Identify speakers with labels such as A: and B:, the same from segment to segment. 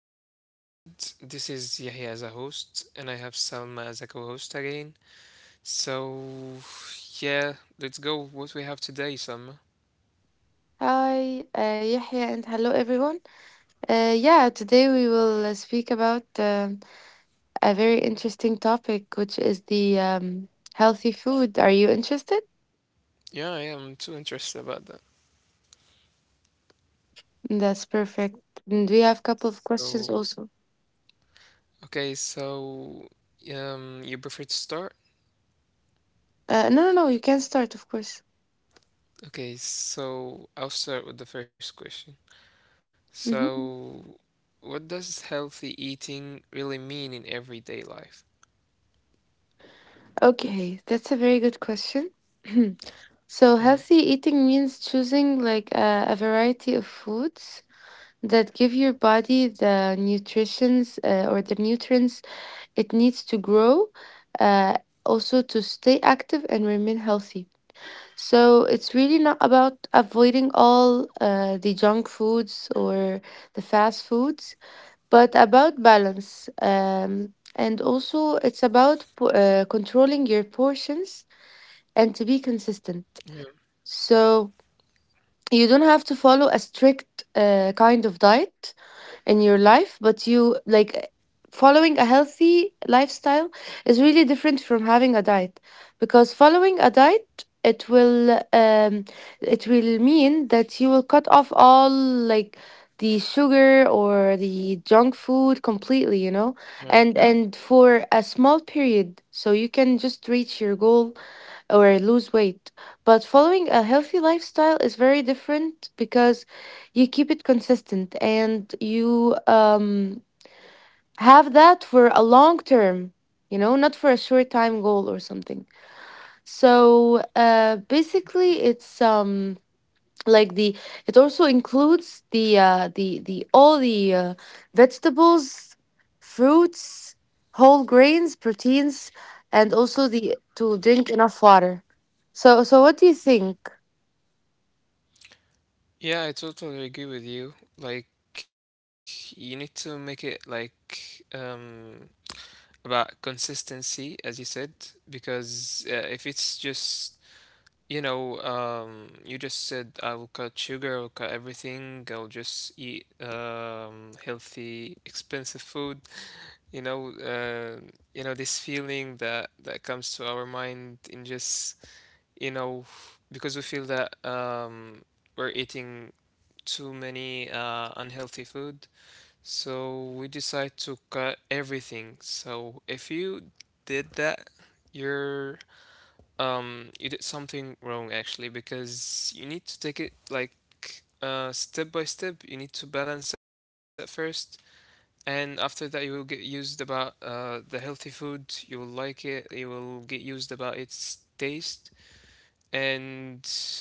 A: to another episode. This is Yahya as a host, and I have Salma as a co host again. So, yeah, let's go with what we have today, Salma.
B: Hi, Yahya, and hello everyone. Yeah, today we will speak about a very interesting topic, which is the healthy food. Are you interested?
A: Yeah, yeah, I'm too interested about that.
B: That's perfect. And we have a couple of questions
A: So,
B: also.
A: okay, so, you prefer to start?
B: No, no, no, you can start, of course.
A: Okay, so I'll start with the first question.
B: Mhm.
A: So, what does healthy eating really mean in everyday life?
B: Okay, that's a very good question. So, healthy
A: Hmm.
B: eating means choosing like a variety of foods that give your body the nutritions or the nutrients it needs to grow, uh, also to stay active and remain healthy. So, it's really not about avoiding all the junk foods or the fast foods, but about balance. And also, it's about controlling your portions and to be
A: Yeah,
B: consistent. So you don't have to follow a strict kind of diet in your life, but you like following a healthy lifestyle is really different from having a diet because following a diet it will mean that you will cut off all like the sugar or the junk food
A: yeah.
B: completely you know And for a small period so you can just reach your goal or lose weight. But following a healthy lifestyle is very different because you keep it consistent and you have that for a long term, you know, not for a short time goal or something. So basically, like the it also includes the vegetables, fruits, whole grains, proteins, and also the to drink enough water. So so what do you think?
A: Yeah, I totally agree with you. Like, you need to make it like about consistency, as you said, because if it's just you just said I will cut sugar, I'll cut everything, I'll just eat healthy, expensive food. You know, uh, you know, this feeling that that comes to our mind in just you know because we feel that we're eating too many unhealthy food, so we decide to cut everything. So if you did that, you're, you did something wrong actually, because you need to take it like step by step. You need to balance it first, and after that you will get used about the healthy food. You will like it. You will get used about its taste and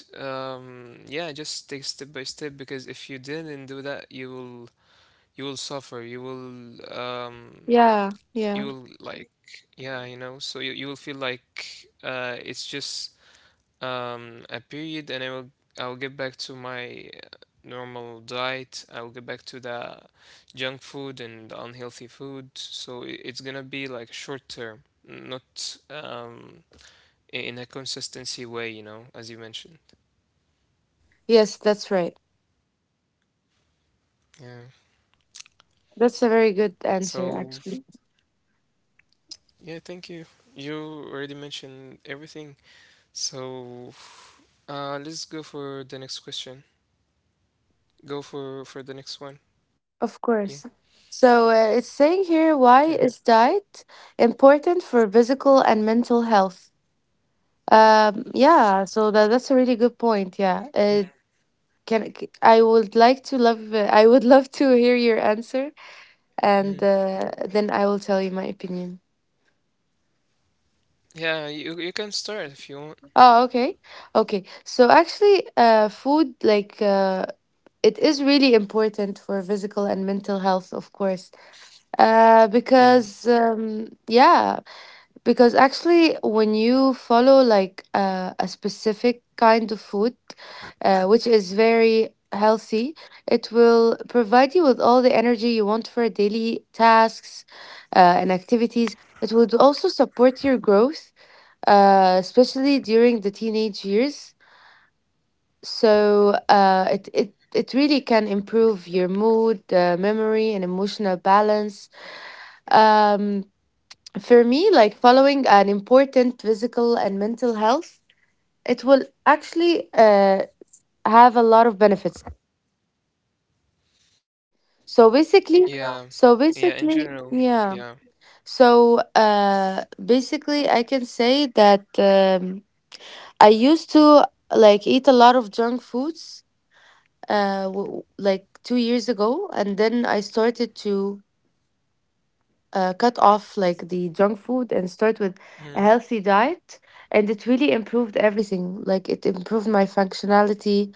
A: yeah, just take step by step, because if you didn't do that, you will suffer, you will um
B: Yeah,
A: you
B: yeah.
A: will like yeah, you know, so you will feel like it's just a period, and I will get back to my normal diet, I will get back to the junk food and the unhealthy food, so it's gonna be like short term, not in a consistency way, you know, as you mentioned.
B: Yes, that's right.
A: Yeah.
B: That's a very good answer
A: So
B: actually.
A: yeah, thank you. You already mentioned everything. So let's go for the next question. Go for the next one. Yeah.
B: Of course. So it's saying
A: Okay.
B: here, why is diet important for physical and mental health? Yeah so that's a really good point. I would like to love I would love to hear your answer
A: Mhm.
B: and then I will tell you my opinion.
A: Yeah, you can start if you want.
B: Oh, okay. Okay. So actually food like it is really important for physical and mental health, of course.
A: Yeah.
B: Because yeah, because actually, when you follow like a specific kind of food, which is very healthy, it will provide you with all the energy you want for daily tasks and activities. It would also support your growth, especially during the teenage years. So it really can improve your mood, memory, and emotional balance. Um, for me, like following an important physical and mental health, it will actually have a lot of benefits. So
A: Yeah.
B: basically, yeah.
A: Yeah. In
B: So
A: general.
B: basically,
A: Yeah.
B: yeah. So basically, I can say that I used to like eat a lot of junk foods like 2 years ago, and then I started to cut off like the junk food and start with
A: Mhm.
B: a healthy diet, and it really improved everything. Like, it improved my functionality,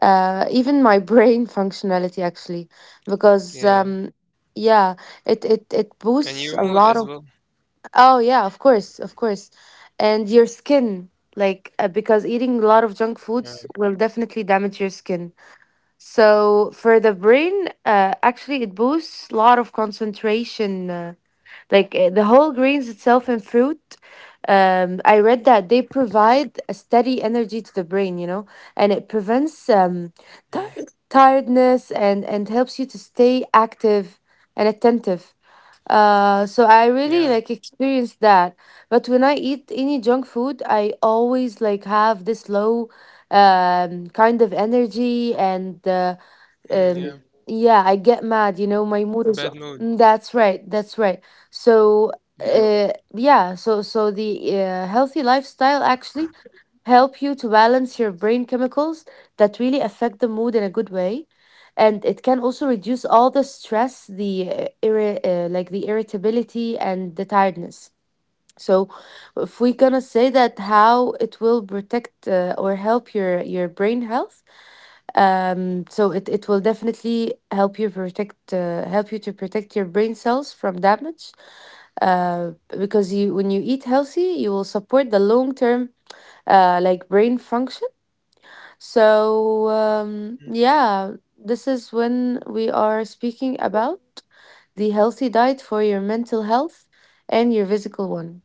B: even my brain functionality actually, because
A: Yeah.
B: yeah, it
A: And your mood
B: boosts a
A: as well.
B: lot of. Oh yeah, of course, of course. And your skin, like because eating a lot of junk
A: Yeah.
B: foods will definitely damage your skin. So for the brain, actually it boosts a lot of concentration, the whole grains itself and fruit, I read that they provide a steady energy to the brain, you know, and it prevents
A: Mhm.
B: tir tiredness and helps you to stay active and attentive. So I
A: Yeah.
B: really like experienced that. But when I eat any junk food I always like have this low kind of energy and
A: Mhm.
B: um
A: Yeah.
B: yeah I get mad, you
A: Bad
B: know, my
A: mood.
B: mood is. Mm, that's right, that's right.
A: Yeah.
B: So yeah so so the healthy lifestyle actually help you to balance your brain chemicals that really affect the mood in a good way, and it can also reduce all the stress, like the irritability and the tiredness. So if we're gonna say that how it will protect or help your brain health, it will definitely help you protect help you to protect your brain cells from damage, uh, because you when you eat healthy you will support the long term, like brain function. So yeah, this is when we are speaking about the healthy diet for your mental health and your physical one.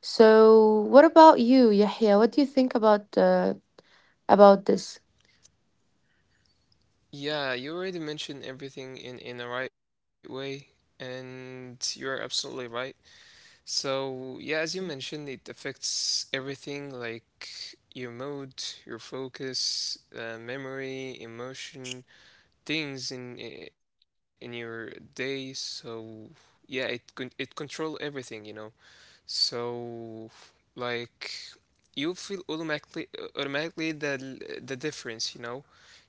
B: So what about you, Yahya, what do you think about this?
A: Yeah. You already mentioned everything in the right way, and you're absolutely right. So, yeah, as you mentioned, it affects everything, like your mood, your focus, memory, emotion, things in your day. So, yeah, it control everything, you know. So, like, you feel automatically the difference, you know.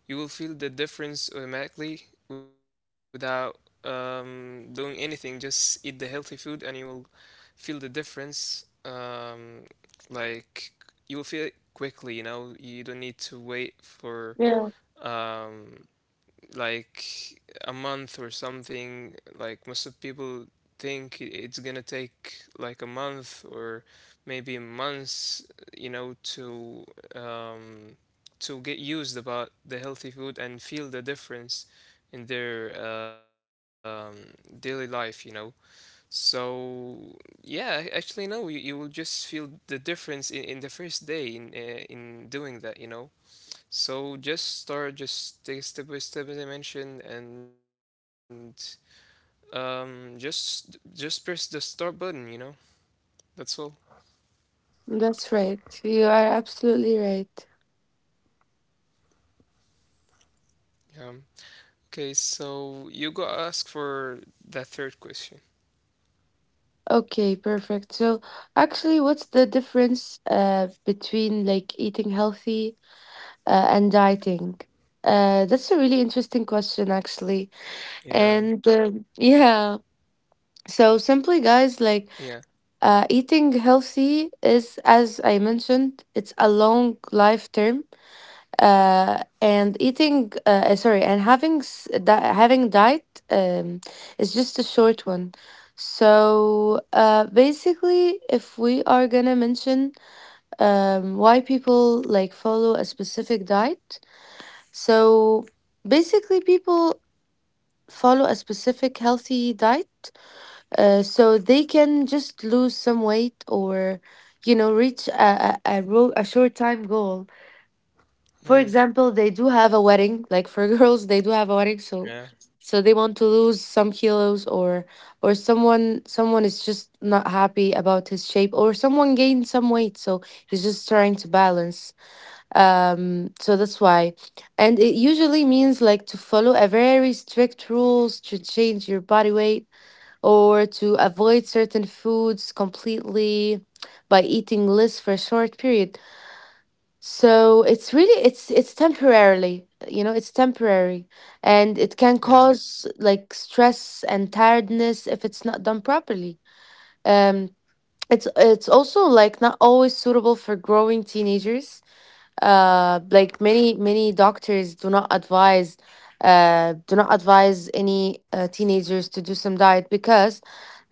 A: You will feel the difference automatically without doing anything. Just eat the healthy food and you will feel the difference like you will feel it quickly, you know. You don't need to wait for um, like a month or something, like most of people think it's gonna take like a month or maybe months, you know, um, to get used about the healthy food and feel the difference in their um, daily life, you know. So yeah, actually no, you will just feel the difference in the first day in doing that, you know. So just start, just take it step by step as I mentioned, and just press the start button, you know. That's all.
B: That's right. You are absolutely right.
A: Um, okay, so you got ask for that third question.
B: Okay, perfect. So, actually, what's the difference between like eating healthy and dieting? That's a really interesting question, actually.
A: Yeah,
B: And yeah, so simply, guys, like
A: yeah,
B: eating healthy is, as I mentioned, it's a long life term, and eating sorry and having s- di- having diet is just a short one. So basically if we are gonna mention why people like follow a specific diet, so basically people follow a specific healthy diet, so they can just lose some weight or, you know, reach a short time goal. For example, they do have a
A: mm,
B: wedding. Like for girls, they do have a wedding, so so they want to
A: yeah,
B: lose some kilos, or someone is just not happy about his shape, or someone gained some weight, so he's just trying to balance. So that's why, and it usually means like to follow a very strict rules to change your body weight or to avoid certain foods completely by eating less for a short period. So it's really, it's temporarily, you know, it's temporary, and it can cause
A: yeah,
B: like stress and tiredness if it's not done properly. um it's also like not always suitable for growing teenagers. Like, many doctors do not advise, do not advise any teenagers to do some diet because,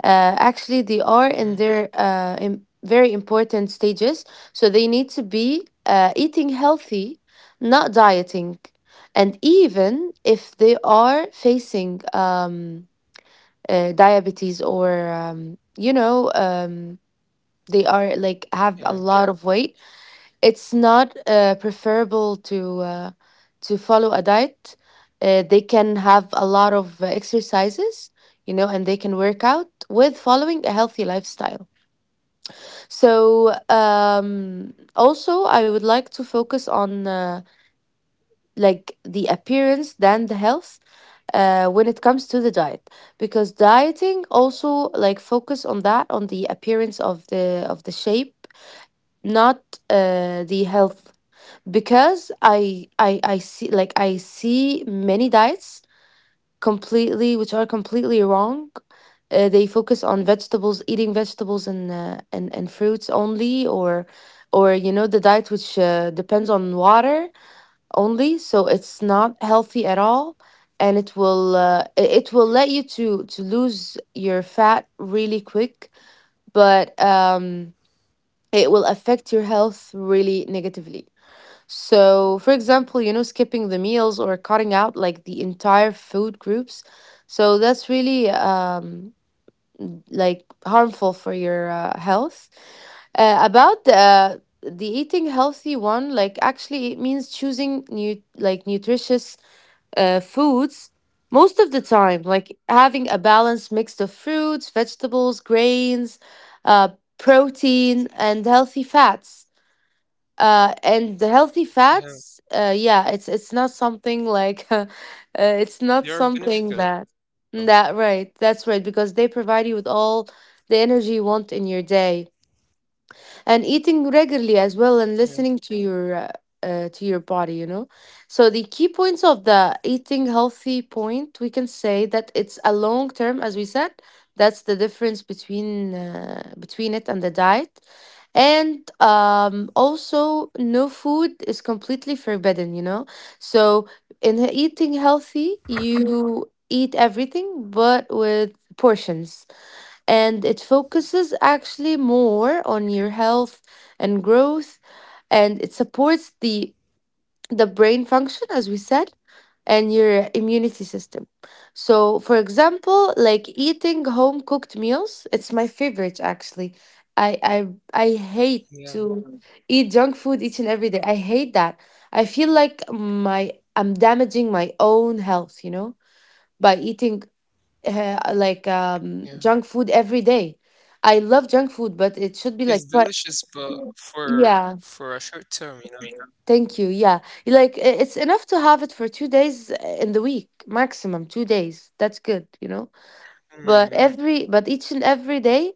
B: actually, they
A: mm,
B: are in their very important stages, so they need to be eating healthy, not dieting. And even if they are facing diabetes, or, you know, they are like
A: yeah,
B: have a lot of weight, it's not preferable to follow a diet. They can have a lot of exercises, you know, and they can work out with following a healthy lifestyle. So, also, I would like to focus on like the appearance than the health when it comes to the diet, because dieting also like focus on that, on the appearance of the shape, not the health, because I see, like I see many diets completely, which are completely wrong. They focus on vegetables, eating vegetables and and fruits only, or, you know, the diet which depends on water only. So it's not healthy at all, and it will let you to lose your fat really quick, but it will affect your health really negatively. So, for example, you know, skipping the meals or cutting out like the entire food groups. So that's really like harmful for your health. About the eating healthy one, like actually it means choosing new like nutritious foods most of the time, like having a balanced mix of fruits, vegetables, grains, uh, protein, and healthy fats. And The healthy
A: yeah.
B: fats, yeah, it's not something like it's
A: They
B: not
A: are
B: something
A: beneficial.
B: that. That right, that's right, because they provide you with all the energy you want in your day, and eating regularly as well,
A: Yeah,
B: and listening to your body, you know. So the key points of the eating healthy point, we can say that it's a long term as we said. That's the difference between between it and the diet. And also, no food is completely forbidden, you know, so in eating healthy you eat everything but with portions, and it focuses actually more on your health and growth, and it supports the brain function as we said, and your immunity system. So for example, like eating home cooked meals, it's my favorite actually. I i i hate
A: yeah,
B: to eat junk food each and every day, I hate that. I feel like my I'm damaging my own health, you know, by eating like
A: yeah.
B: junk food every day. I love junk food, but it
A: It's
B: should be like,
A: delicious,
B: but
A: but
B: yeah,
A: for a short term, you know.
B: thank you. Yeah, like it's enough to have it for 2 days in the week, maximum 2 days. That's good, you know.
A: Hmm.
B: But every, but each and every day,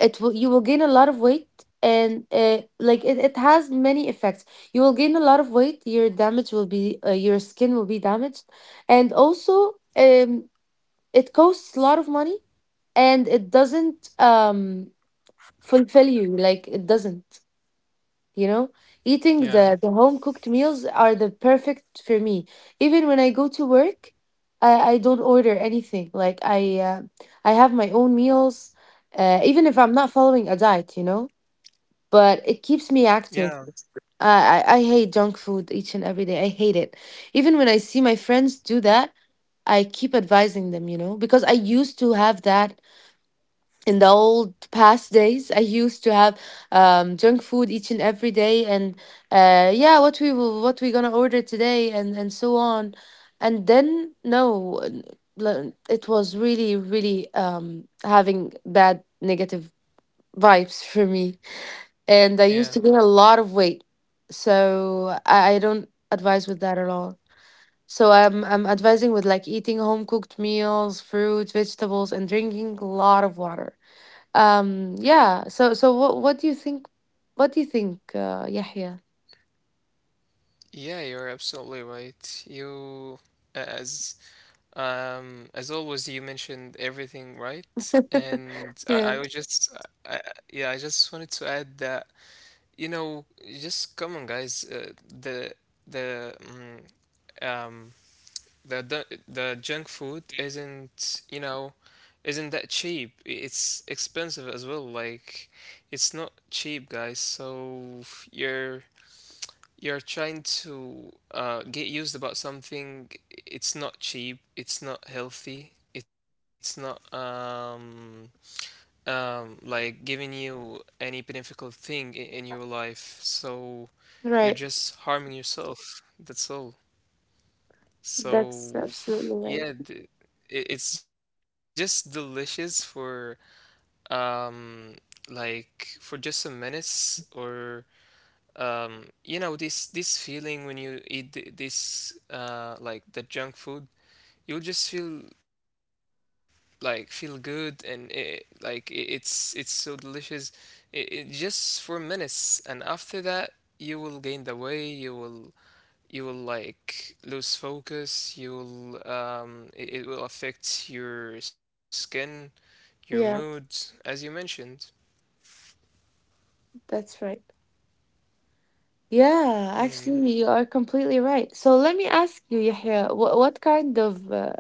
B: it will you will gain a lot of weight, and like it has many effects. You will gain a lot of weight. Your damage will be, your skin will be damaged, and also. It costs a lot of money, and it doesn't fulfill you, like it doesn't you know Eating
A: Yeah,
B: the home cooked meals are the perfect for me. Even when I go to work, I don't order anything, like uh, I have my own meals. Even if I'm not following a diet, but it keeps me active.
A: yeah,
B: I hate junk food each and every day. I hate it even when I see my friends do that. I keep advising them because I used to have that. In the old past days, I used to have junk food each and every day. And yeah, what we gonna order today, and so on. And then no n- l- it was really really having bad negative vibes for me, and I
A: yeah,
B: used to gain a lot of weight. So I don't advise with that at all. So I'm advising with, like, eating home cooked meals, fruits, vegetables, and drinking a lot of water. Yeah. So, what do you think? What do you think, Yahya?
A: yeah. You're absolutely right. You as as always, you mentioned everything right, and I,
B: Yeah,
A: I was just I, I- yeah, I just wanted to add that you know, just come on, guys. The mm, um, the the junk food isn't, you know, isn't that cheap. It's expensive as well, like it's not cheap, guys, so you're you're trying to get used about something. It's not cheap, it's not healthy, it's not like giving you any beneficial thing in your life, so you're
B: right.
A: just harming yourself. That's all. So yeah, the, it, it's just delicious for um like for just some minutes or you know this this feeling when you eat this like the junk food, you'll just feel like feel good and it like it, it's so delicious. It just for minutes, and after that you will gain the weight, you will you'll like lose focus, you'll it, it will affect your skin, your mood,
B: Yeah,
A: as you mentioned.
B: that's right. Yeah,
A: Hmm, yeah.
B: actually, you are completely right. So let me ask you, Yahya, what kind of uh,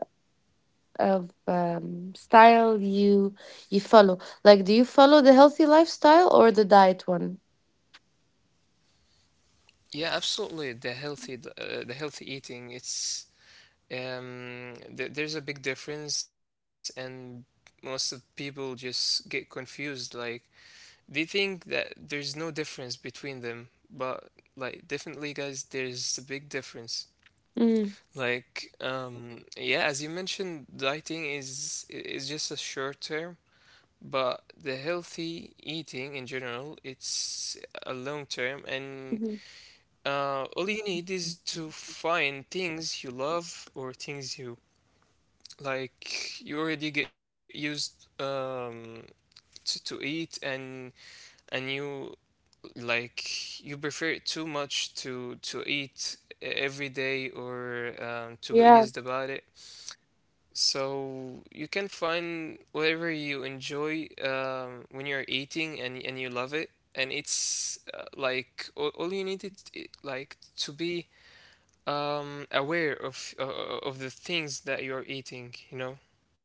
B: of um, style you follow? Like, do you follow the healthy lifestyle or the diet one?
A: Yeah absolutely the healthy the healthy eating. It's there's a big difference, and most of people just get confused, like they think that there's no difference between them, but like definitely guys there's a big difference.
B: Mm-hmm.
A: Like, yeah, as you mentioned, dieting is just a short term, but the healthy eating in general, it's a long term, and all you need is to find things you love or things you like. You already get used to eat, and you like you prefer it too much to eat every day or to
B: Yeah,
A: use the body. So you can find whatever you enjoy when you're eating and you love it, and it's like all you need like to be aware of the things that you're eating, you know.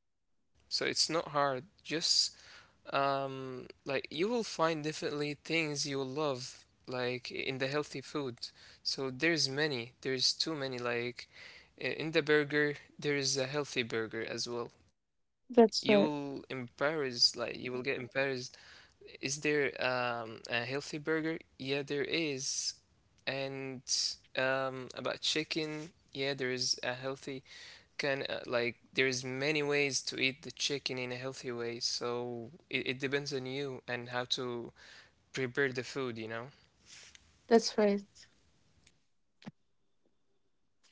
A: So it's not hard. Just like you will find definitely things you will love like in the healthy food. So there's many, there's too many, like in the burger there is a healthy burger as well. You'll
B: that's right.
A: embarrass, like you will get embarrassed. Is there a healthy burger? Yeah, there is. And about chicken, yeah, there is a healthy can like there's many ways to eat the chicken in a healthy way, so it depends on you and how to prepare the food, you know.
B: That's right.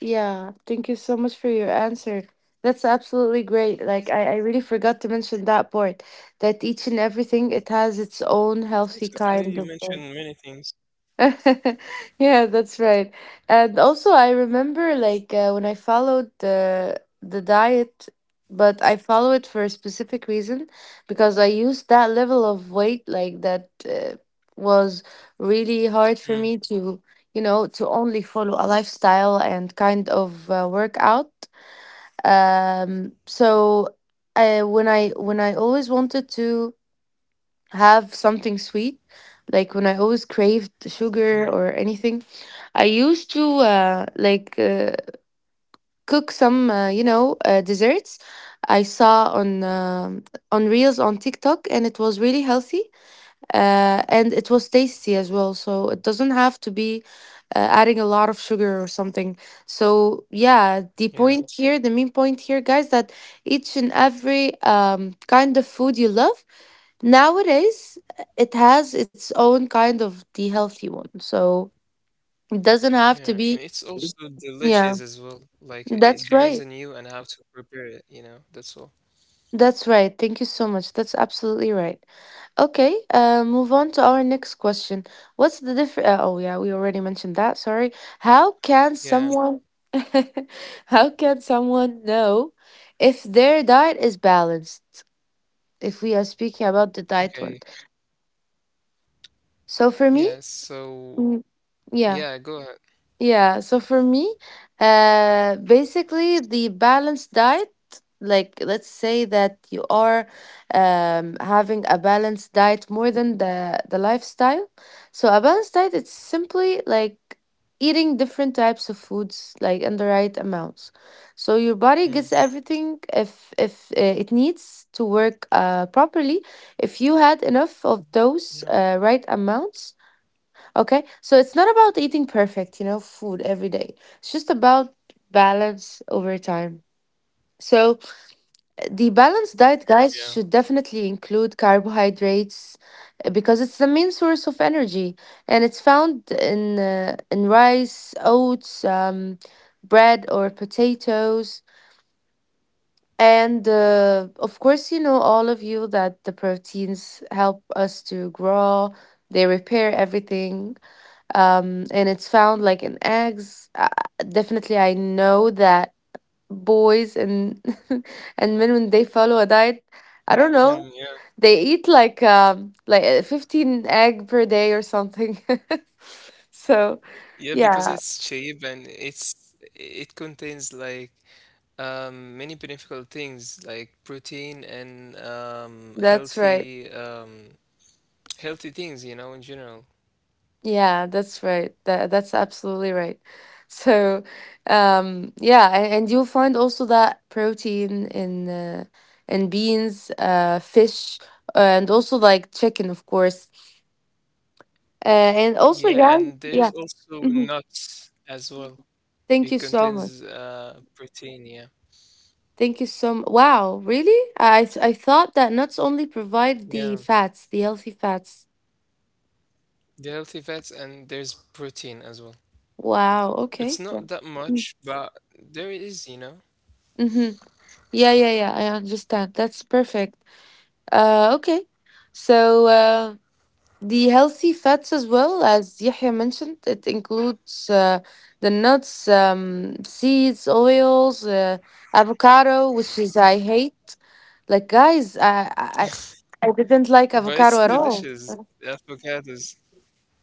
B: Yeah, thank you so much for your answer. That's absolutely great. Like I really forgot to mention that part, that each and everything it has its own healthy
A: It's
B: kind
A: okay.
B: of
A: You mentioned many things.
B: yeah, that's right. And also, I remember, like, when I followed the diet, but I follow it for a specific reason, because I used that level of weight, like that was really hard for me
A: Mm,
B: to to only follow a lifestyle and kind of workout. So I when I when I always wanted to have something sweet. Like when I always craved
A: mm,
B: sugar or anything, I used to like, cook some, uh, desserts. I saw on reels on TikTok, and it was really healthy, and it was tasty as well. So it doesn't have to be adding a lot of sugar or something. So yeah, the
A: yeah.
B: point here, the main point here, guys, that each and every kind of food you love nowadays, it has its own kind of the healthy one. So it doesn't have to
A: Yeah,
B: be.
A: and it's also
B: Yeah,
A: delicious as well, like it,
B: that's
A: it
B: right.
A: depends on you and how to prepare it, you know. That's all.
B: That's right. Thank you so much. That's absolutely right. Okay, move on to our next question. What's the difference? Oh, yeah, we already mentioned that. Sorry. How can
A: Yeah.
B: someone, how can someone know if their diet is balanced? If we are speaking about the diet one.
A: Okay.
B: So for me,
A: Yeah, so
B: mm, yeah.
A: yeah, go ahead.
B: Yeah, so for me, basically the balanced diet, like let's say that you are having a balanced diet more than the lifestyle. So a balanced diet, it's simply like eating different types of foods, like in the right amounts. So your body gets
A: Mm,
B: everything if it needs to work properly. If you had enough of
A: yeah.
B: those right amounts. Okay, so it's not about eating perfect, food every day. It's just about balance over time. So, the balanced
A: Yeah.
B: diet, guys, should definitely include carbohydrates, because it's the main source of energy, and it's found in rice, oats, bread, or potatoes. And of course, you know all of you that the proteins help us to grow, they repair everything, and it's found like in eggs. Definitely, I know that boys and and men, when they follow a diet,
A: Mm,
B: I
A: yeah.
B: don't know, they eat like, 15 egg per day or something. So,
A: Yeah, because
B: yeah,
A: it's cheap and it's it contains like many beneficial things like protein and
B: that's right.
A: healthy healthy things, you know, in general.
B: Yeah, that's right. That's absolutely right. So, yeah, and you'll find also that protein in beans, fish, and also, like, chicken, of course. And also,
A: Yeah,
B: guys,
A: and there's
B: yeah.
A: also
B: Hmm.
A: nuts as well.
B: Thank you
A: It
B: so much.
A: contains protein, yeah.
B: Thank you so much. Wow, really? I thought that nuts only
A: Yeah,
B: provide the fats, the healthy fats.
A: the healthy fats and there's protein as well.
B: Wow.
A: It's
B: Okay. Yeah.
A: not that
B: Mm-hmm.
A: much, but there it is, you know.
B: Mm-hmm. Yeah, yeah, yeah. I understand. That's perfect. Okay. So the healthy fats, as well as Yahya mentioned, it includes the nuts, seeds, oils, avocado, which is I hate. Like guys, I didn't like
A: But it's
B: avocado at all.
A: delicious, the avocados.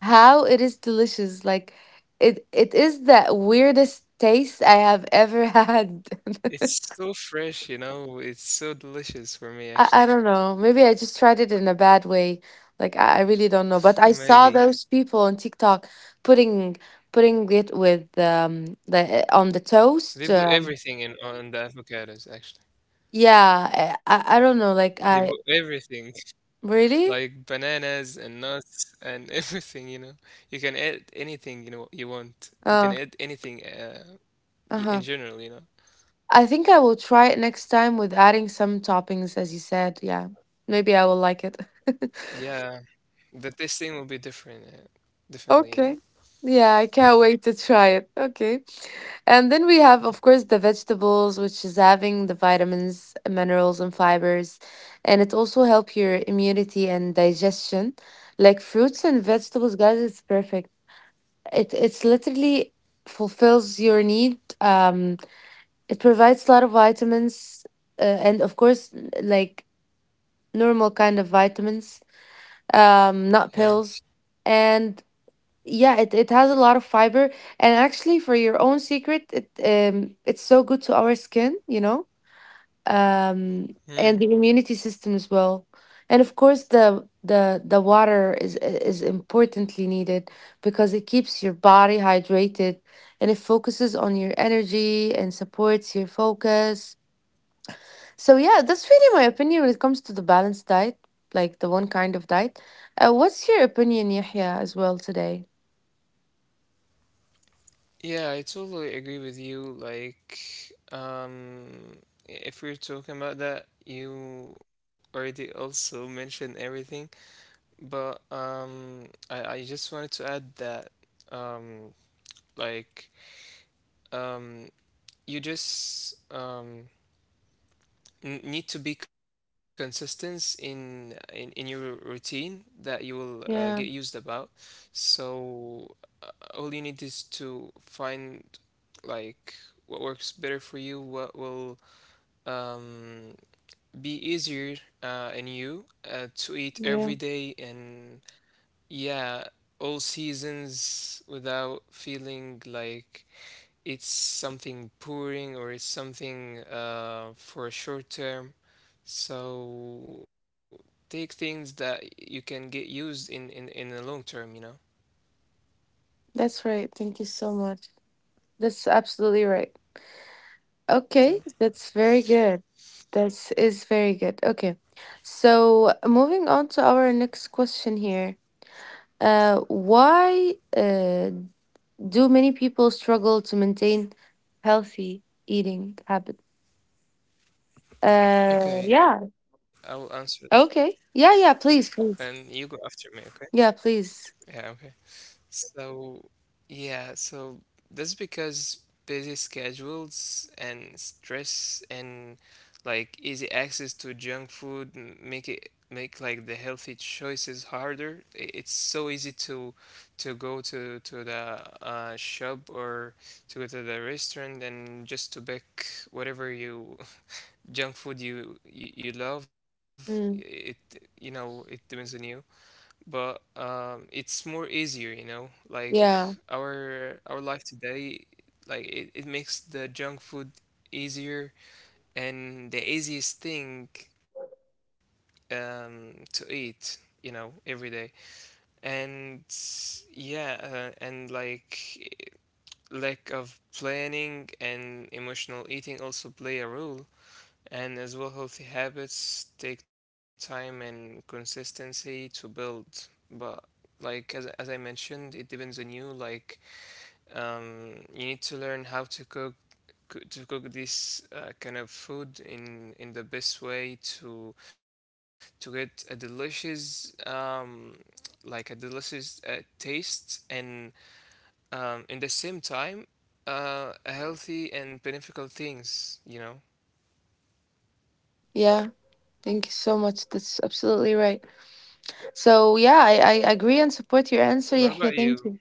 B: How it is delicious! Like it is the weirdest taste I have ever had.
A: It's so fresh, you know. It's so delicious for me,
B: I,
A: actually.
B: I don't know. Maybe I just tried it in a bad way. Like I really don't know. But I saw
A: Maybe.
B: those people on TikTok putting putting it with the on the toast.
A: They put everything in on the avocados, actually.
B: Yeah, I don't
A: They
B: know.
A: put
B: Like I
A: everything, like
B: really
A: bananas and nuts and everything, you know. You can add anything, you know, you want. You can
B: uh
A: add anything, in
B: uh-huh.
A: general, you know.
B: I think I will try it next time with adding some toppings, as you said. Yeah, maybe I will like it.
A: Yeah, the tasting will be different, differently, you know.
B: Okay. Yeah, I can't wait to try it. Okay. And then we have, of course, the vegetables, which is having the vitamins, minerals, and fibers. And it also help your immunity and digestion. Like fruits and vegetables, guys, it's perfect. It it's literally fulfills your need. It provides a lot of vitamins, and of course, like normal kind of vitamins, not
A: Yeah.
B: pills. And yeah, it has a lot of fiber. And actually, for your own secret, it's so good to our skin, you know,
A: Mm.
B: and the immunity system as well. And of course, the water is importantly needed, because it keeps your body hydrated, and it focuses on your energy and supports your focus. So yeah, that's really my opinion when it comes to the balanced diet, like the one kind of diet. What's your opinion, Yahya, as well today?
A: Yeah, I totally agree with you. Like, um, if we're talking about that, you already also mentioned everything. But I just wanted to add that um, like um, you just n need to be consistent in your routine that you will get used
B: Yeah,
A: about. So all you need is to find like what works better for you, what will um, be easier in you to eat every
B: yeah.
A: day, and yeah, all seasons without feeling like it's something boring or it's something for a short term. So take things that you can get used in the long term, you know.
B: That's right. Thank you so much. That's absolutely right. Okay, that's very good. That is very good. Okay. So, moving on to our next question here. Why do many people struggle to maintain healthy eating habits?
A: Okay, I
B: Yeah.
A: will answer that,
B: Okay. Yeah, yeah,
A: and
B: please,
A: you go
B: please.
A: after me. Okay?
B: Yeah,
A: Yeah.
B: please.
A: Okay. So, yeah, so that's because busy schedules and stress and like easy access to junk food make it, make like the healthy choices harder. It's so easy to go to the shop or to go to the restaurant and just to pick whatever you junk food you love. It,
B: Mm,
A: you know, it depends on you, but it's more easier, you know. Like
B: yeah,
A: our life today, like it makes the junk food easier and the easiest thing to eat, you know, every day. And yeah, and like lack of planning and emotional eating also play a role, and as well, healthy habits take time and consistency to build. But like as I mentioned, it depends on you. Like you need to learn how to cook to cook this kind of food in the best way to get a delicious like a delicious taste and in the same time a healthy and beneficial things, you know.
B: yeah. Thank you so much. That's absolutely right. So yeah, I agree and support your answer,
A: What
B: Yahya.
A: about
B: Thank
A: you?
B: you.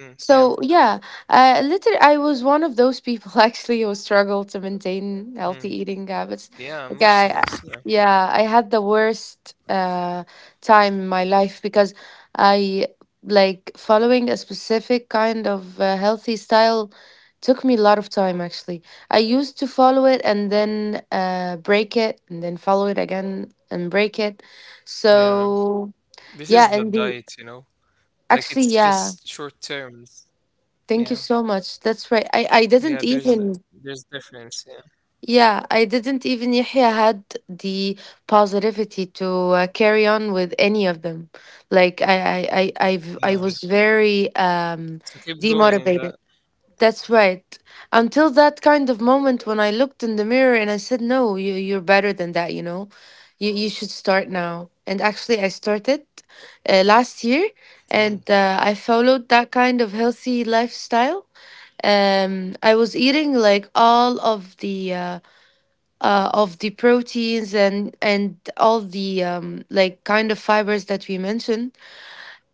A: Mm, yeah.
B: So yeah, later I was one of those people actually who struggled to maintain healthy
A: Mm,
B: eating habits.
A: yeah,
B: Like
A: most of
B: I,
A: us. Yeah.
B: yeah, I had the worst time in my life, because I, like, following a specific kind of healthy style took me a lot of time, actually. I used to follow it and then break it and then follow it again and break it.
A: Yeah.
B: So
A: This
B: yeah,
A: is the
B: and the
A: diet, you know. Like
B: actually,
A: it's
B: yeah.
A: just short terms.
B: Thank you
A: Yeah.
B: so much. That's right. I didn't
A: Yeah, there's
B: even
A: there's difference, yeah.
B: yeah, I didn't even Yahya had the positivity to carry on with any of them. Like I was
A: Yeah.
B: very
A: So keep going in
B: demotivated.
A: that.
B: That's right. Until that kind of moment when I looked in the mirror and I said, "No, you're better than that. You know, you should start now." And actually, I started last year,
A: Mm.
B: and I followed that kind of healthy lifestyle. I was eating like all of the proteins, and all the like kind of fibers that we mentioned.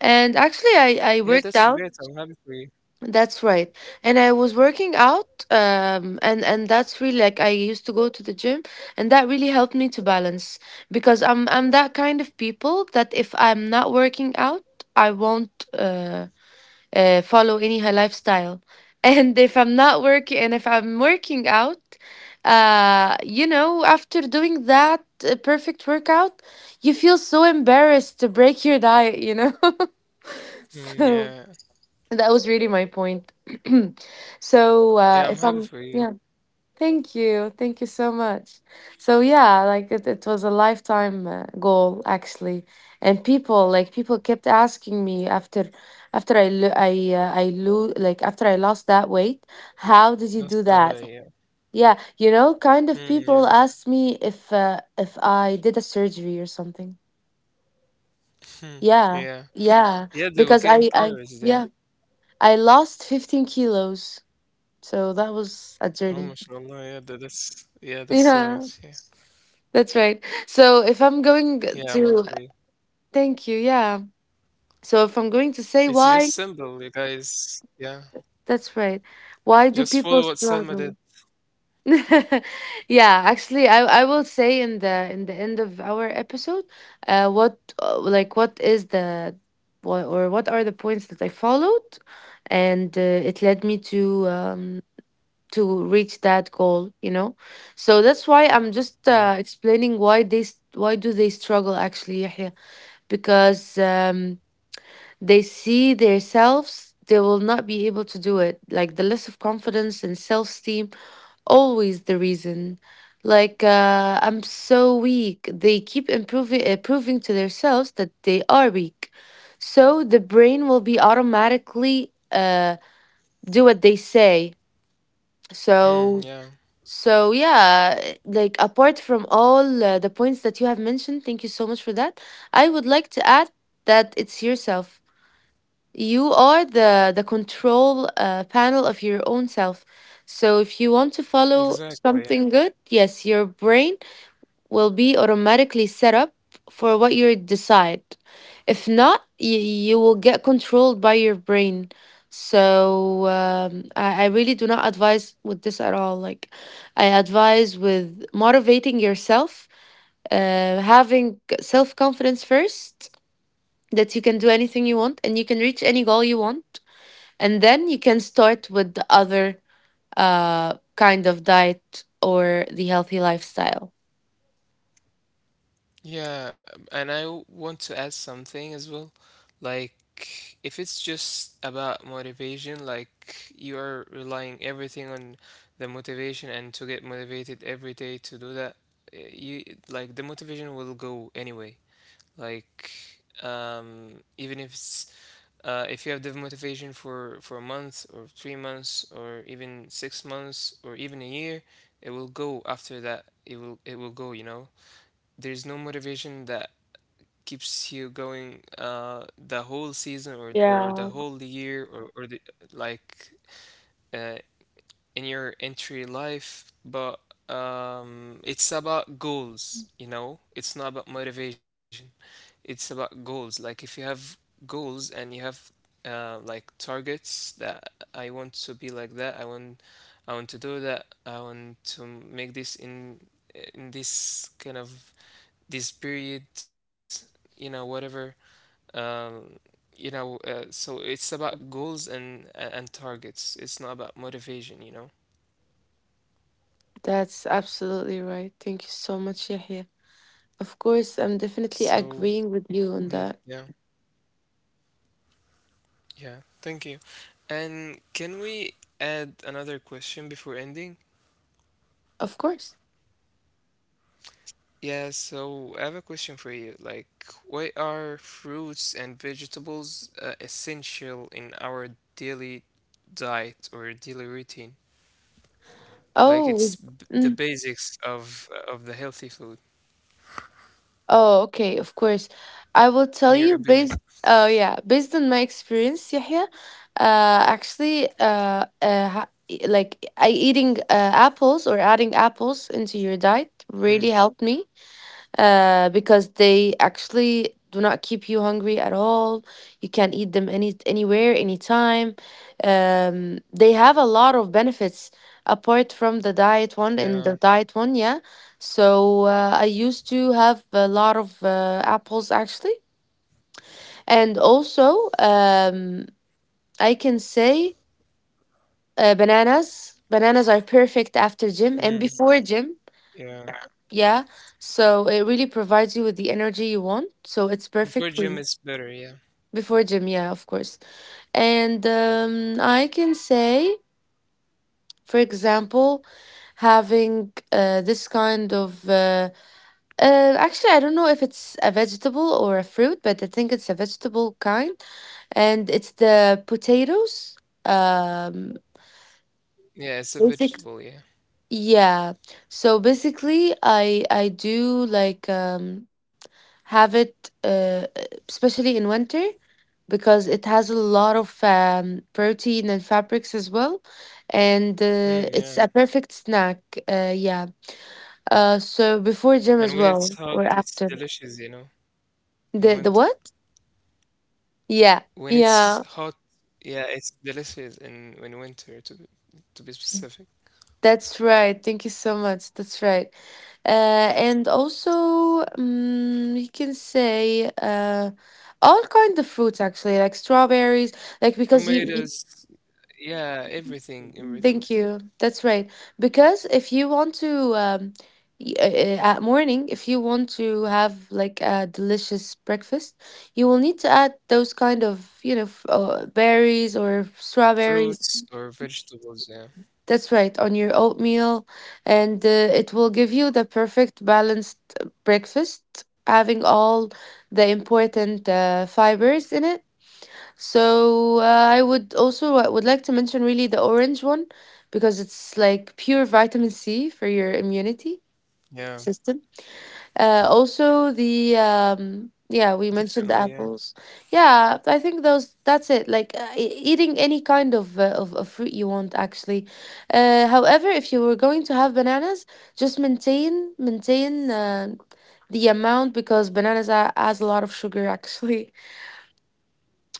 B: And actually, I
A: Yeah,
B: worked
A: that's
B: out.
A: great. I'm happy for you.
B: That's right. And I was working out, and that's really, like, I used to go to the gym, and that really helped me to balance, because I'm that kind of people that if I'm not working out, I won't follow any high lifestyle. And if I'm working out, you know, after doing that perfect workout, you feel so embarrassed to break your diet, you know? So
A: Mm, yeah.
B: that was really my point. so if
A: Yeah,
B: I'm
A: I'm happy
B: yeah,
A: for you.
B: thank you so much. So yeah, like it was a lifetime goal, actually, and people kept asking me after after I lo- like after I lost that weight, how did you do
A: That's
B: that?
A: the way, yeah.
B: Yeah, you know, kind of people
A: Mm, yeah.
B: asked me if I did a surgery or something.
A: Hmm.
B: Yeah,
A: Yeah.
B: yeah,
A: Yeah,
B: because
A: they will get embarrassed, yeah.
B: I lost 15 kilos. So that was a journey.
A: Oh mashallah, yeah, that's yeah, that's
B: Yeah,
A: so much, yeah.
B: that's right. So if I'm
A: Yeah,
B: going
A: I'm happy for you.
B: to, thank you. Yeah. So if I'm going to say
A: It's
B: why,
A: just simple, you guys. Yeah.
B: that's right. Why do people
A: Just follow what
B: struggle?
A: Selma did.
B: Yeah, actually, I will say in the end of our episode, what like what is the what or what are the points that I followed, and it led me um to reach that goal. So that's why I'm just
A: Yeah.
B: explaining why do they struggle actually, Yahya. Because they see themselves they will not be able to do it, like the less of confidence and self-esteem always the reason, like I'm so weak, they keep improving proving to themselves that they are weak, so the brain will be automatically do what they say. So
A: Mm, yeah,
B: so yeah, like apart from all the points that you have mentioned, thank you so much for that. I would like to add that it's yourself. You are the control panel of your own self. So if you want to follow
A: exactly.
B: something
A: Yeah.
B: good, yes, your brain will be automatically set up for what you decide. If not, you will get controlled by your brain. So I really do not advise with this at all. Like, I advise with motivating yourself, having self confidence first that you can do anything you want and you can reach any goal you want. And then you can start with the other kind of diet or the healthy lifestyle.
A: Yeah, and want to add something as well. Like, if it's just about motivation, like you are relying everything on the motivation and to get motivated every day to do that, you like the motivation will go anyway. Like, even if you have the motivation for a month or 3 months or even 6 months or even a year, it will go after that. It will go, you know? There's no motivation that keeps you going the whole season or the
B: Yeah.
A: whole year, or the, like uh in your entry life. But it's about goals, you know? It's not about motivation. It's about goals. Like if you have goals and you have like targets that I want to be like that, I want to do that, I want to make this in this kind of this period, you know, whatever. Um, so it's about goals and targets. It's not about motivation, you know?
B: That's absolutely right. Thank you so much, Yahya. Of course, I'm definitely
A: So,
B: agreeing with you on that.
A: yeah, yeah, thank you. And can we add another question before ending?
B: Of course.
A: Yeah, so I have a question for you. Like, why are fruits and vegetables essential in our daily diet or daily routine? Like, it's
B: Oh,
A: b the
B: mm,
A: basics of the healthy food,
B: oh, okay. Of course,
A: in
B: I
A: your
B: will tell
A: opinion.
B: you based. Oh yeah, based on my experience, Yahya. Actually, like I eating apples or adding apples into your diet
A: Mm,
B: really helped me because they actually do not keep you hungry at all. You can eat them anywhere, anytime. They have a lot of benefits apart from the diet one and
A: yeah,
B: the diet one, yeah. So I used to have a lot of apples actually, and also I can say bananas. Bananas are perfect after gym and
A: mm,
B: before gym.
A: yeah.
B: Yeah, so it really provides you with the energy you want.
A: Before
B: So
A: gym
B: it's
A: is
B: perfect
A: better,
B: for
A: yeah.
B: you. Before gym, yeah, of course. And I can say, for example, having this kind of actually, I don't know if it's a vegetable or a fruit, but I think it's a vegetable kind, and it's the potatoes. Um,
A: Yeah, it's a
B: Basic.
A: vegetable, yeah.
B: Yeah. So basically, I do like have it uh especially in winter because it has a lot of protein and fabrics as well. And
A: Mm, yeah.
B: it's a perfect snack. Yeah. So before gym
A: And
B: as
A: when it's
B: well
A: hot,
B: or
A: it's
B: after.
A: delicious, you know, in
B: The
A: winter.
B: what? Yeah.
A: When it's
B: Yeah.
A: hot, yeah, it's delicious in winter, to be specific.
B: That's right. Thank you so much. That's right. And also, you can say all kind of fruits actually, like strawberries, like because you
A: Tomatoes, yeah, everything, everything.
B: Thank you. That's right. Because if you want to, at morning, if you want to have like a delicious breakfast, you will need to add those kind of, berries or strawberries.
A: Fruits or vegetables, yeah.
B: That's right, on your oatmeal. And it will give you the perfect balanced breakfast, having all the important fibers in it. So I would like to mention really the orange one because it's like pure vitamin C for your immunity
A: Yeah,
B: system. Also the Yeah, we
A: definitely, yeah.
B: mentioned apples. Yeah, I think those that's it. Like eating any kind of, of fruit you want actually. However, if you were going to have bananas, just maintain the amount because bananas has a lot of sugar actually,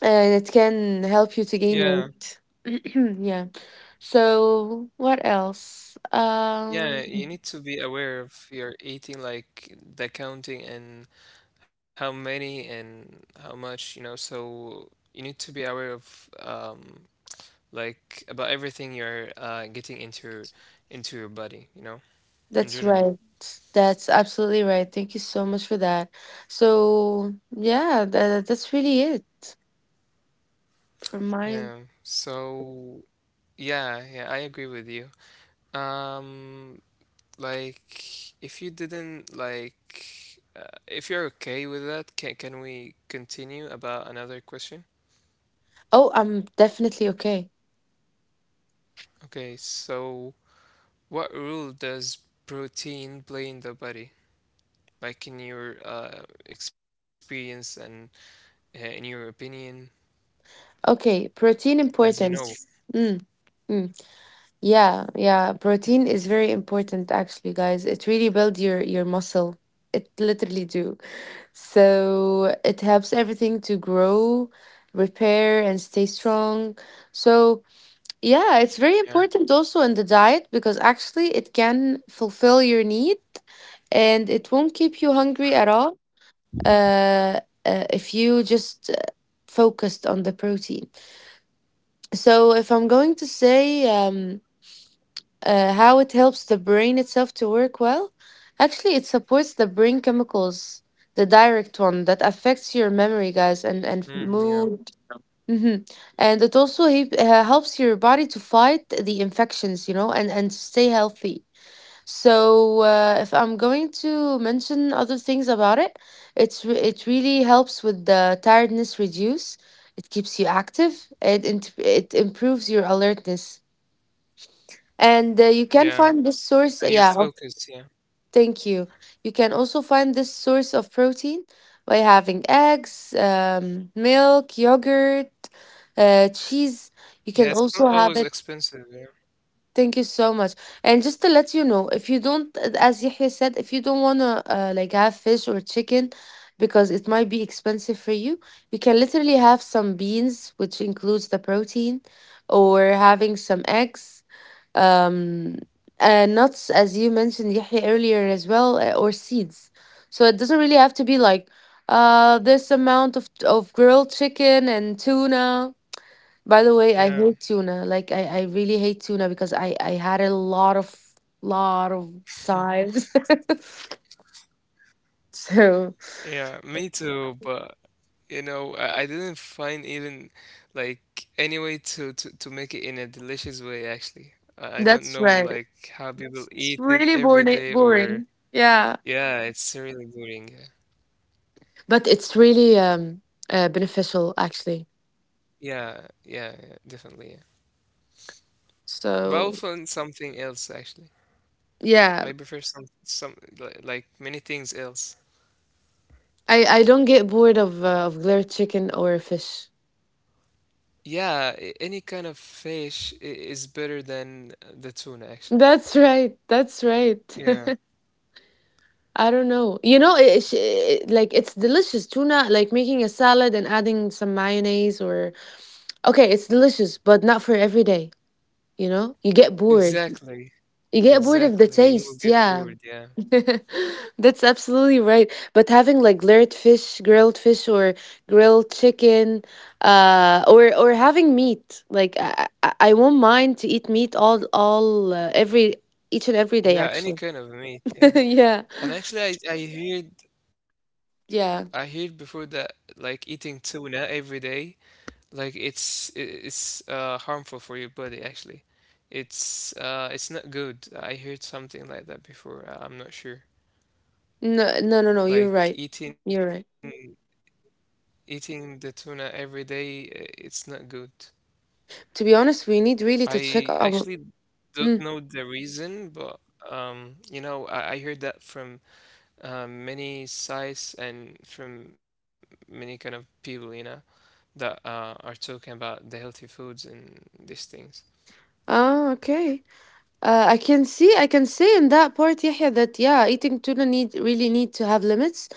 B: and it can help you to
A: Yeah.
B: gain weight. Yeah. So what else?
A: Yeah, you need to be aware of your eating, like the counting and how many and how much, you know, so you need to be aware of like about everything you're getting into your body, you know, in
B: That's
A: general.
B: right. That's absolutely right. Thank you so much for that. So yeah, that's really it from mine.
A: Yeah. So yeah, yeah, I agree with you. Um, like, if you're okay with that, can we continue about another question?
B: Oh, I'm definitely okay.
A: Okay, so what role does protein play in the body? Like in your experience and in your opinion,
B: Okay, protein
A: as you know.
B: importance. Mm, mm. Yeah, yeah. Protein is very important actually, guys. It really builds your muscle. It literally do. So it helps everything to grow, repair, and stay strong. So, yeah, it's very
A: Yeah.
B: important also in the diet because actually it can fulfill your need and it won't keep you hungry at all if you just focused on the protein. So, if I'm going to say, how it helps the brain itself to work well. Actually, it supports the brain chemicals, the direct one that affects your memory, guys, and
A: Mm, yeah.
B: mood. hmm And it also helps your body to fight the infections, you know, and to stay healthy. So if I'm going to mention other things about it, it really helps with the tiredness reduce. It keeps you active. It improves your alertness and you can
A: Yeah.
B: find this source,
A: And your
B: yeah,
A: focus. Yeah,
B: thank you. You can also find this source of protein by having eggs, milk, yogurt, cheese. You
A: yeah.
B: can
A: It's not
B: also have
A: always
B: it.
A: expensive. Yeah,
B: Thank you so much. And just to let you know, if you don't, as Yahya said, if you don't want to like have fish or chicken because it might be expensive for you, you can literally have some beans, which includes the protein, or having some eggs, um, nuts, as you mentioned, Yahya, earlier as well, or seeds. So it doesn't really have to be like this amount of grilled chicken and tuna. By the way,
A: yeah,
B: I hate tuna. Like, I really hate tuna because I had a lot of times. So
A: yeah. Me too. But you know, I didn't find even like any way to, to make it in a delicious way. Actually, I don't
B: that's
A: know
B: right.
A: like how people
B: It's
A: eat
B: it's
A: it
B: really
A: every
B: boring.
A: day or
B: Boring. Yeah.
A: yeah, it's really boring. Yeah,
B: But it's really beneficial, actually.
A: yeah, yeah, yeah definitely. Yeah. But I'll
B: So,
A: find something else actually.
B: yeah,
A: I prefer some like many things else.
B: I don't get bored of glare chicken or fish.
A: Yeah, any kind of fish is better than the tuna, actually.
B: That's right. That's right.
A: Yeah,
B: I don't know. You know, like it's delicious tuna. Like making a salad and adding some mayonnaise, or okay, it's delicious, but not for every day. You know, you get bored.
A: exactly.
B: You get bored of the
A: Exactly. You will
B: taste,
A: get
B: yeah.
A: bored, yeah.
B: That's absolutely right. But having like layered fish, grilled fish, or grilled chicken, or having meat, like I won't mind to eat meat all every each and every
A: Yeah,
B: day
A: any kind
B: actually.
A: of meat, yeah.
B: Yeah,
A: And actually I heard I heard before that
B: yeah.
A: like eating tuna every day, it's harmful for your body actually. It's not good. I heard something like that before. I'm not sure.
B: No, no, no, no.
A: Like
B: You're right. You're right.
A: eating the tuna every day, it's not good.
B: To be honest, we need really
A: I
B: to check
A: actually
B: our.
A: don't know
B: Mm.
A: the reason, but you know, I heard that from many sites and from many kind of people, you know, that are talking about the healthy foods and these things.
B: Ah, okay. I can say in that part, Yahya, that yeah, eating tuna need to have limits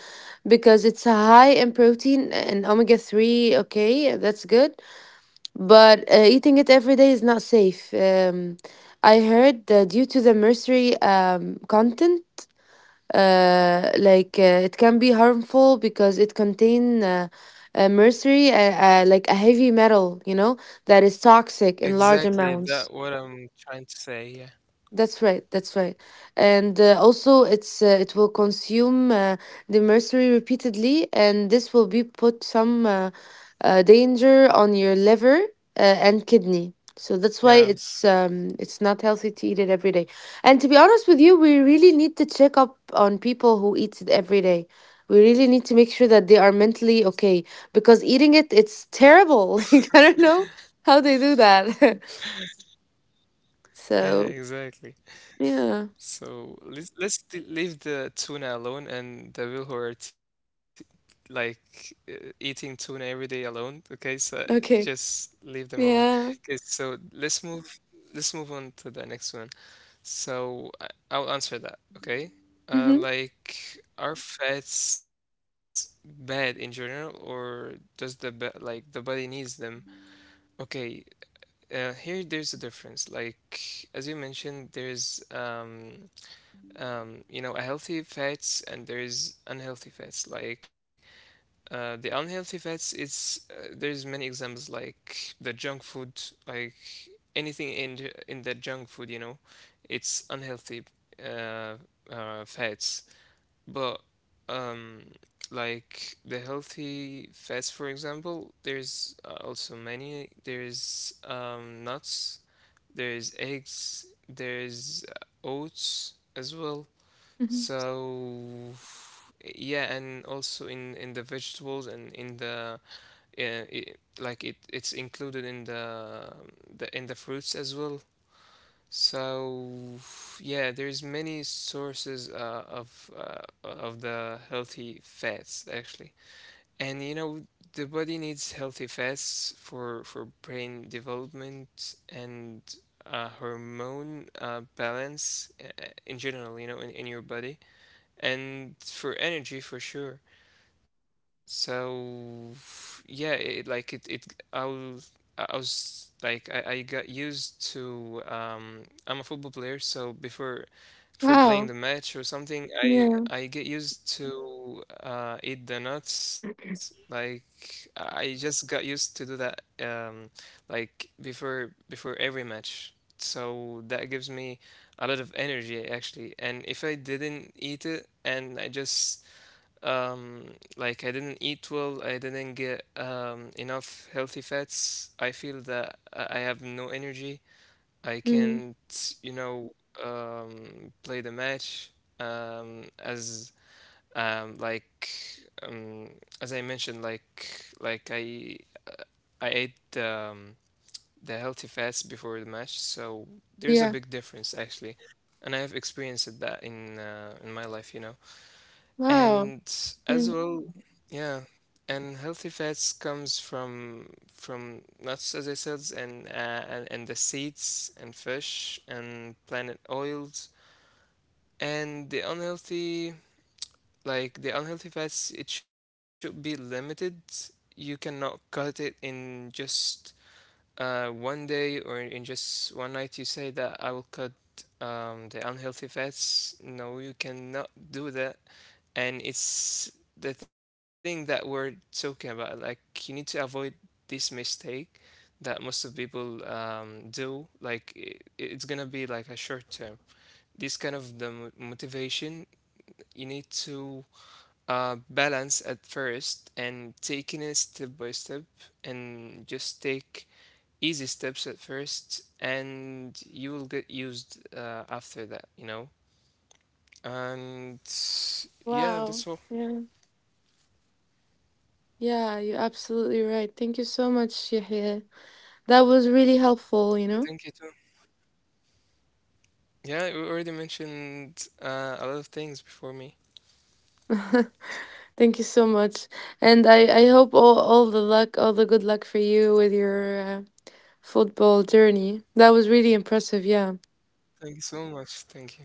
B: because it's high in protein and omega-3. Okay, that's good, but eating it every day is not safe. I heard that due to the mercury content, like it can be harmful because it contain mercury, like a heavy metal, that is toxic in large
A: Exactly,
B: amounts.
A: that what I'm trying to say. Yeah,
B: That's right. That's right. And also, it will consume the mercury repeatedly, and this will be put some danger on your liver and kidney. So that's why
A: yeah,
B: it's not healthy to eat it every day. And to be honest with you, we really need to check up on people who eat it every day. We really need to make sure that they are mentally okay because eating it, it's terrible. Like I don't know how they do that.
A: yeah,
B: So
A: exactly.
B: yeah.
A: So leave the tuna alone and the people who are like eating tuna every day alone. Okay, so
B: Okay.
A: just leave them alone. Okay,
B: Yeah.
A: so let's move on to the next one. So I'll answer that. Okay,
B: Mhm.
A: like are fats bad in general, or does like the body needs them? Okay, here there's a difference. Like as you mentioned, there's you know, a healthy fats and there is unhealthy fats. Like the unhealthy fats, it's there's many examples like the junk food, like anything in in the junk food, you know, it's unhealthy uh, fats. But um, like the healthy fats, for example, there's also many. There's nuts, there's eggs, there's oats as well,
B: Mhm.
A: so yeah, and also in the vegetables and in the I like it it's included in the fruits as well. So yeah, there's many sources of the healthy fats actually. And you know the body needs healthy fats for brain development and hormone balance in general, you know, in your body and for energy for sure. So yeah, it, like it I was I got used to I'm a football player, so before for playing the
B: Wow.
A: match or something.
B: Yeah.
A: I get used to eat the nuts. Like I just got used to do that. Like before every match. So that gives me a lot of energy actually. And if I didn't eat it and I just um, like I didn't eat well, I didn't get enough healthy fats. I feel that I have no energy. I
B: Mm.
A: can't, you know, play the match um, as um, like um, as I mentioned, like I uh, I ate the healthy fats before the match, so there's a
B: Yeah.
A: big difference actually, and I have experienced that in my life, you know,
B: Wow.
A: and as
B: Mm.
A: well, yeah. And healthy fats comes from nuts, as I said, and and the seeds and fish and plant oils. And the unhealthy, like the unhealthy fats it should be limited. You cannot cut it in just one day or in just one night. You say that I will cut the unhealthy fats. No, you cannot do that. And it's the thing that we're talking about. Like, you need to avoid this mistake that most of people do. Like I It's gonna be like a short term, this kind of motivation. You need to balance at first and taking it step by step, and just take easy steps at first, and you will get used after that, you know. And yeah,
B: Wow.
A: that's all.
B: Yeah. Yeah, you're absolutely right. Thank you so much, Yahya. That was really helpful, you
A: Yeah,
B: know?
A: thank you too. Yeah, you already mentioned a lot of things before me.
B: Thank you so much. And I hope all the good luck for you with your football journey. That was really impressive, yeah.
A: Thank you so much. Thank you.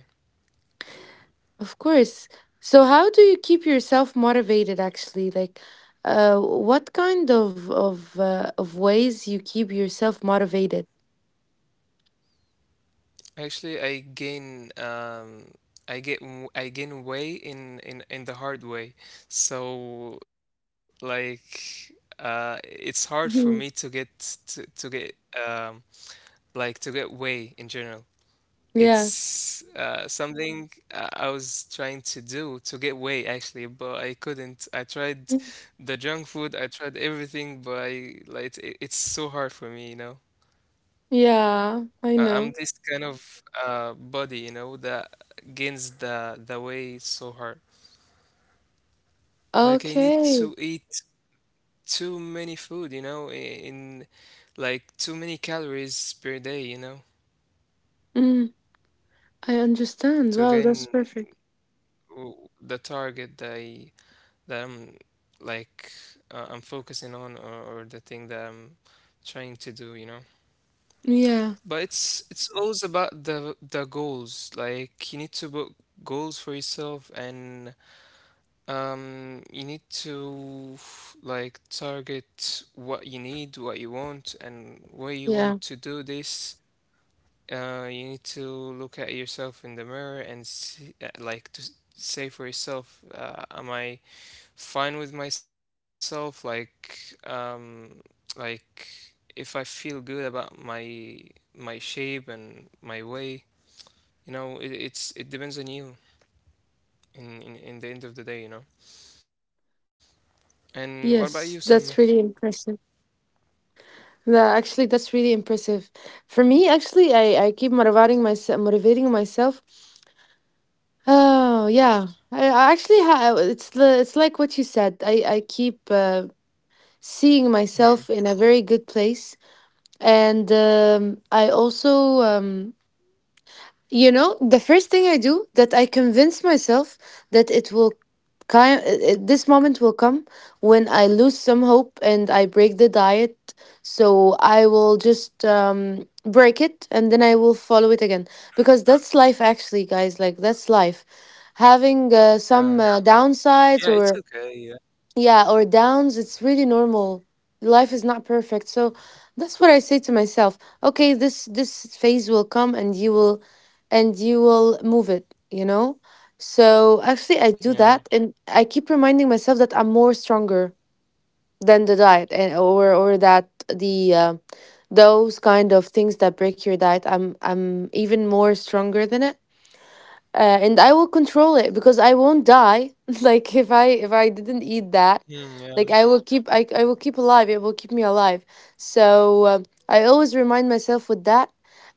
B: Of course. So how do you keep yourself motivated actually? Like what kind of ways you keep yourself motivated?
A: Actually, I get I gain way in in the hard way. So like it's hard for me to get
B: Mhm.
A: to get um, like to get way in general.
B: Yeah.
A: It's something I was trying to do to get away actually, but I couldn't. I tried
B: Mm.
A: the junk food, I tried everything, but I like it, it's so hard for me, you know.
B: Yeah, I
A: I'm
B: know.
A: this kind of body, you know, that gains the weight so hard. Like I need
B: Okay.
A: to eat too many food, you know, in like too many calories per day, you know,
B: Mm, I understand.
A: to
B: Wow,
A: gain
B: that's perfect.
A: the target that I that I'm like I'm focusing on, or the thing that I'm trying to do, you know.
B: Yeah.
A: But it's always about the goals. Like you need to put goals for yourself and you need to like target what you need, what you want and where you
B: Yeah.
A: want to do this. You need to look at yourself in the mirror and see, like to say for yourself, am I fine with myself, um like if I feel good about my my shape and my way, you know? It's it depends on you in, in the end of the day, you know. And what about you, Selma?
B: Yes, that's really impressive. That, actually, that's really impressive. For me, actually, I keep motivating myself Oh yeah, I actually it's like what you said. I keep
A: hmm
B: seeing myself in a very good place, and I also the first thing I do that I convince myself that it will kind this moment will come when I lose some hope and I break the diet. So I will just break it and then I will follow it again because that's life actually, guys. Like that's life. Having
A: yeah,
B: some
A: yeah, it's
B: downsides or
A: okay, yeah,
B: yeah, or downs, it's really normal. Life is not perfect, so that's what I say to myself: okay, this phase will come, and you will move it, you know. So actually I do
A: yeah.
B: that, and I keep reminding myself that I'm more stronger than the diet, and or that the those kind of things that break your diet, I'm even more stronger than it, and I will control it because I won't die. Like if I didn't eat that,
A: Hmm, yeah.
B: like I will keep alive. It will keep me alive. So um, I always remind myself with that,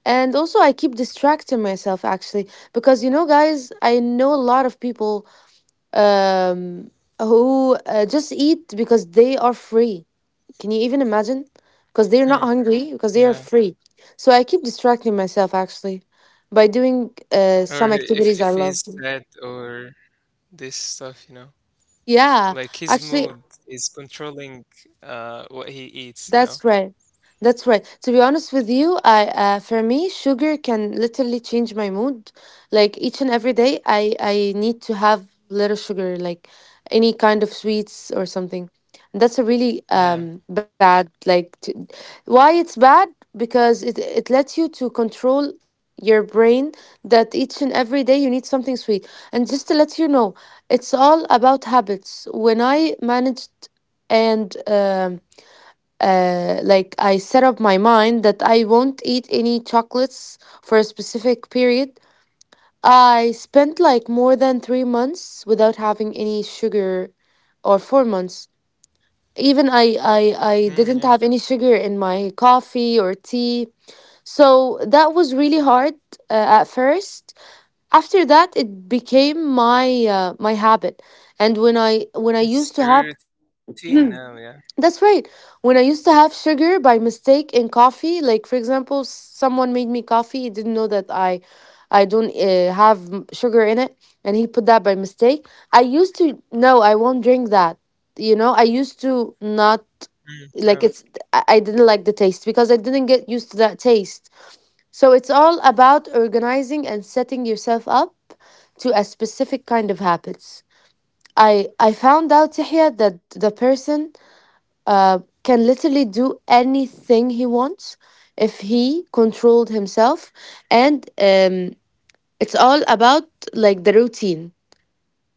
B: and also I keep distracting myself actually because you know guys, I know a lot of people um, who just eat because they are free. Can you even imagine? Because they're not
A: Hmm,
B: hungry, because they are
A: yeah,
B: free. So I keep distracting myself actually by doing
A: or
B: some activities I
A: if
B: love.
A: he's sad or this stuff, you know,
B: Yeah,
A: like his
B: actually,
A: mood is controlling what he eats, you know?
B: that's right. That's right. To be honest with you, I for me, sugar can literally change my mood. Like each and every day, I need to have little sugar, like any kind of sweets or something. And that's a really
A: Yeah.
B: bad why it's bad because it lets you to control your brain that each and every day you need something sweet. And just to let you know, it's all about habits. When I managed and um like I set up my mind that I won't eat any chocolates for a specific period. I spent like more than 3 months without having any sugar, or 4 months. Even I
A: Hmm, yeah.
B: didn't have any sugar in my coffee or tea. So that was really hard at first. After that, it became my habit. And when I used to
A: It's
B: have
A: your routine now, yeah.
B: that's right. When I used to have sugar by mistake in coffee, like for example, someone made me coffee, he didn't know that I don't have sugar in it, and he put that by mistake. I used to no, I won't drink that. You know, I used to not
A: Mm, yeah,
B: like it's I didn't like the taste because I didn't get used to that taste. So it's all about organizing and setting yourself up to a specific kind of habits. I found out Tahia that the person can literally do anything he wants if he controlled himself. And it's all about like the routine.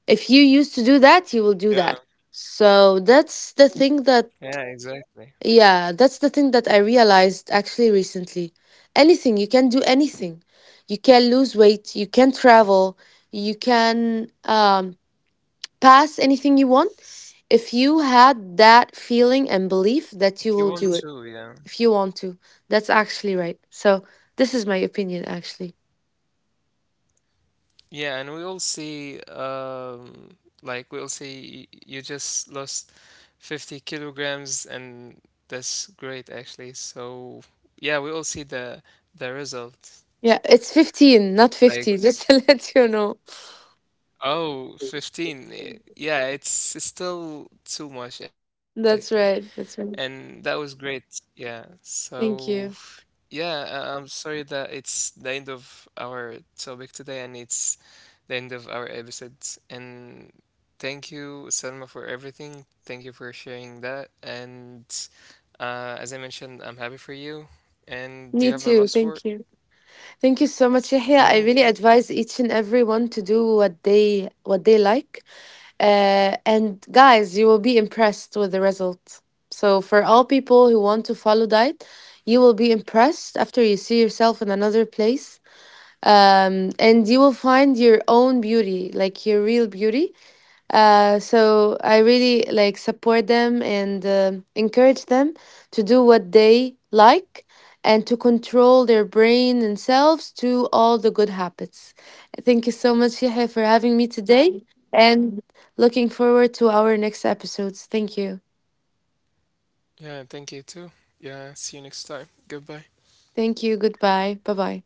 B: If you used to do that, you will do that.
A: yeah,
B: So that's the thing
A: yeah,
B: that,
A: exactly.
B: yeah, that's the thing that I realized actually recently. Anything, you can do anything. You can lose weight, you can travel, you can pass anything you want if you had that feeling and
A: If you
B: belief
A: want
B: that you
A: to,
B: will do
A: yeah.
B: it if you want to. That's actually right. So this is my opinion actually.
A: Yeah, and we all see, like, we all see you just lost 50 kilograms, and that's great, actually. So, yeah, we all see the result.
B: Yeah, it's 15, not
A: Like,
B: 50. Just to let you know.
A: oh, 15, 15. Yeah, it's still too much, actually.
B: That's right. That's
A: And
B: right.
A: that was great. Yeah. So,
B: Thank you.
A: yeah, I'm sorry that it's the end of our topic today, and it's the end of our episode. And thank you, Selma, for everything. Thank you for sharing that. And as I mentioned, I'm happy for you. And do
B: Me
A: you have a
B: too.
A: last
B: Thank
A: word?
B: you. Thank you so much, Yahya. I
A: Yeah,
B: really
A: thank.
B: advise each and everyone to do what they like. And guys, you will be impressed with the result. So for all people who want to follow diet, you will be impressed after you see yourself in another place and you will find your own beauty, like your real beauty. So I really like support them and encourage them to do what they like and to control their brain and selves to all the good habits. Thank you so much, Yahya, for having me today and looking forward to our next episodes. Thank you.
A: Yeah, thank you too. Yeah, see you next time. Goodbye.
B: Thank you. Goodbye. Bye bye.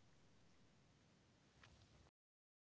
A: Bye.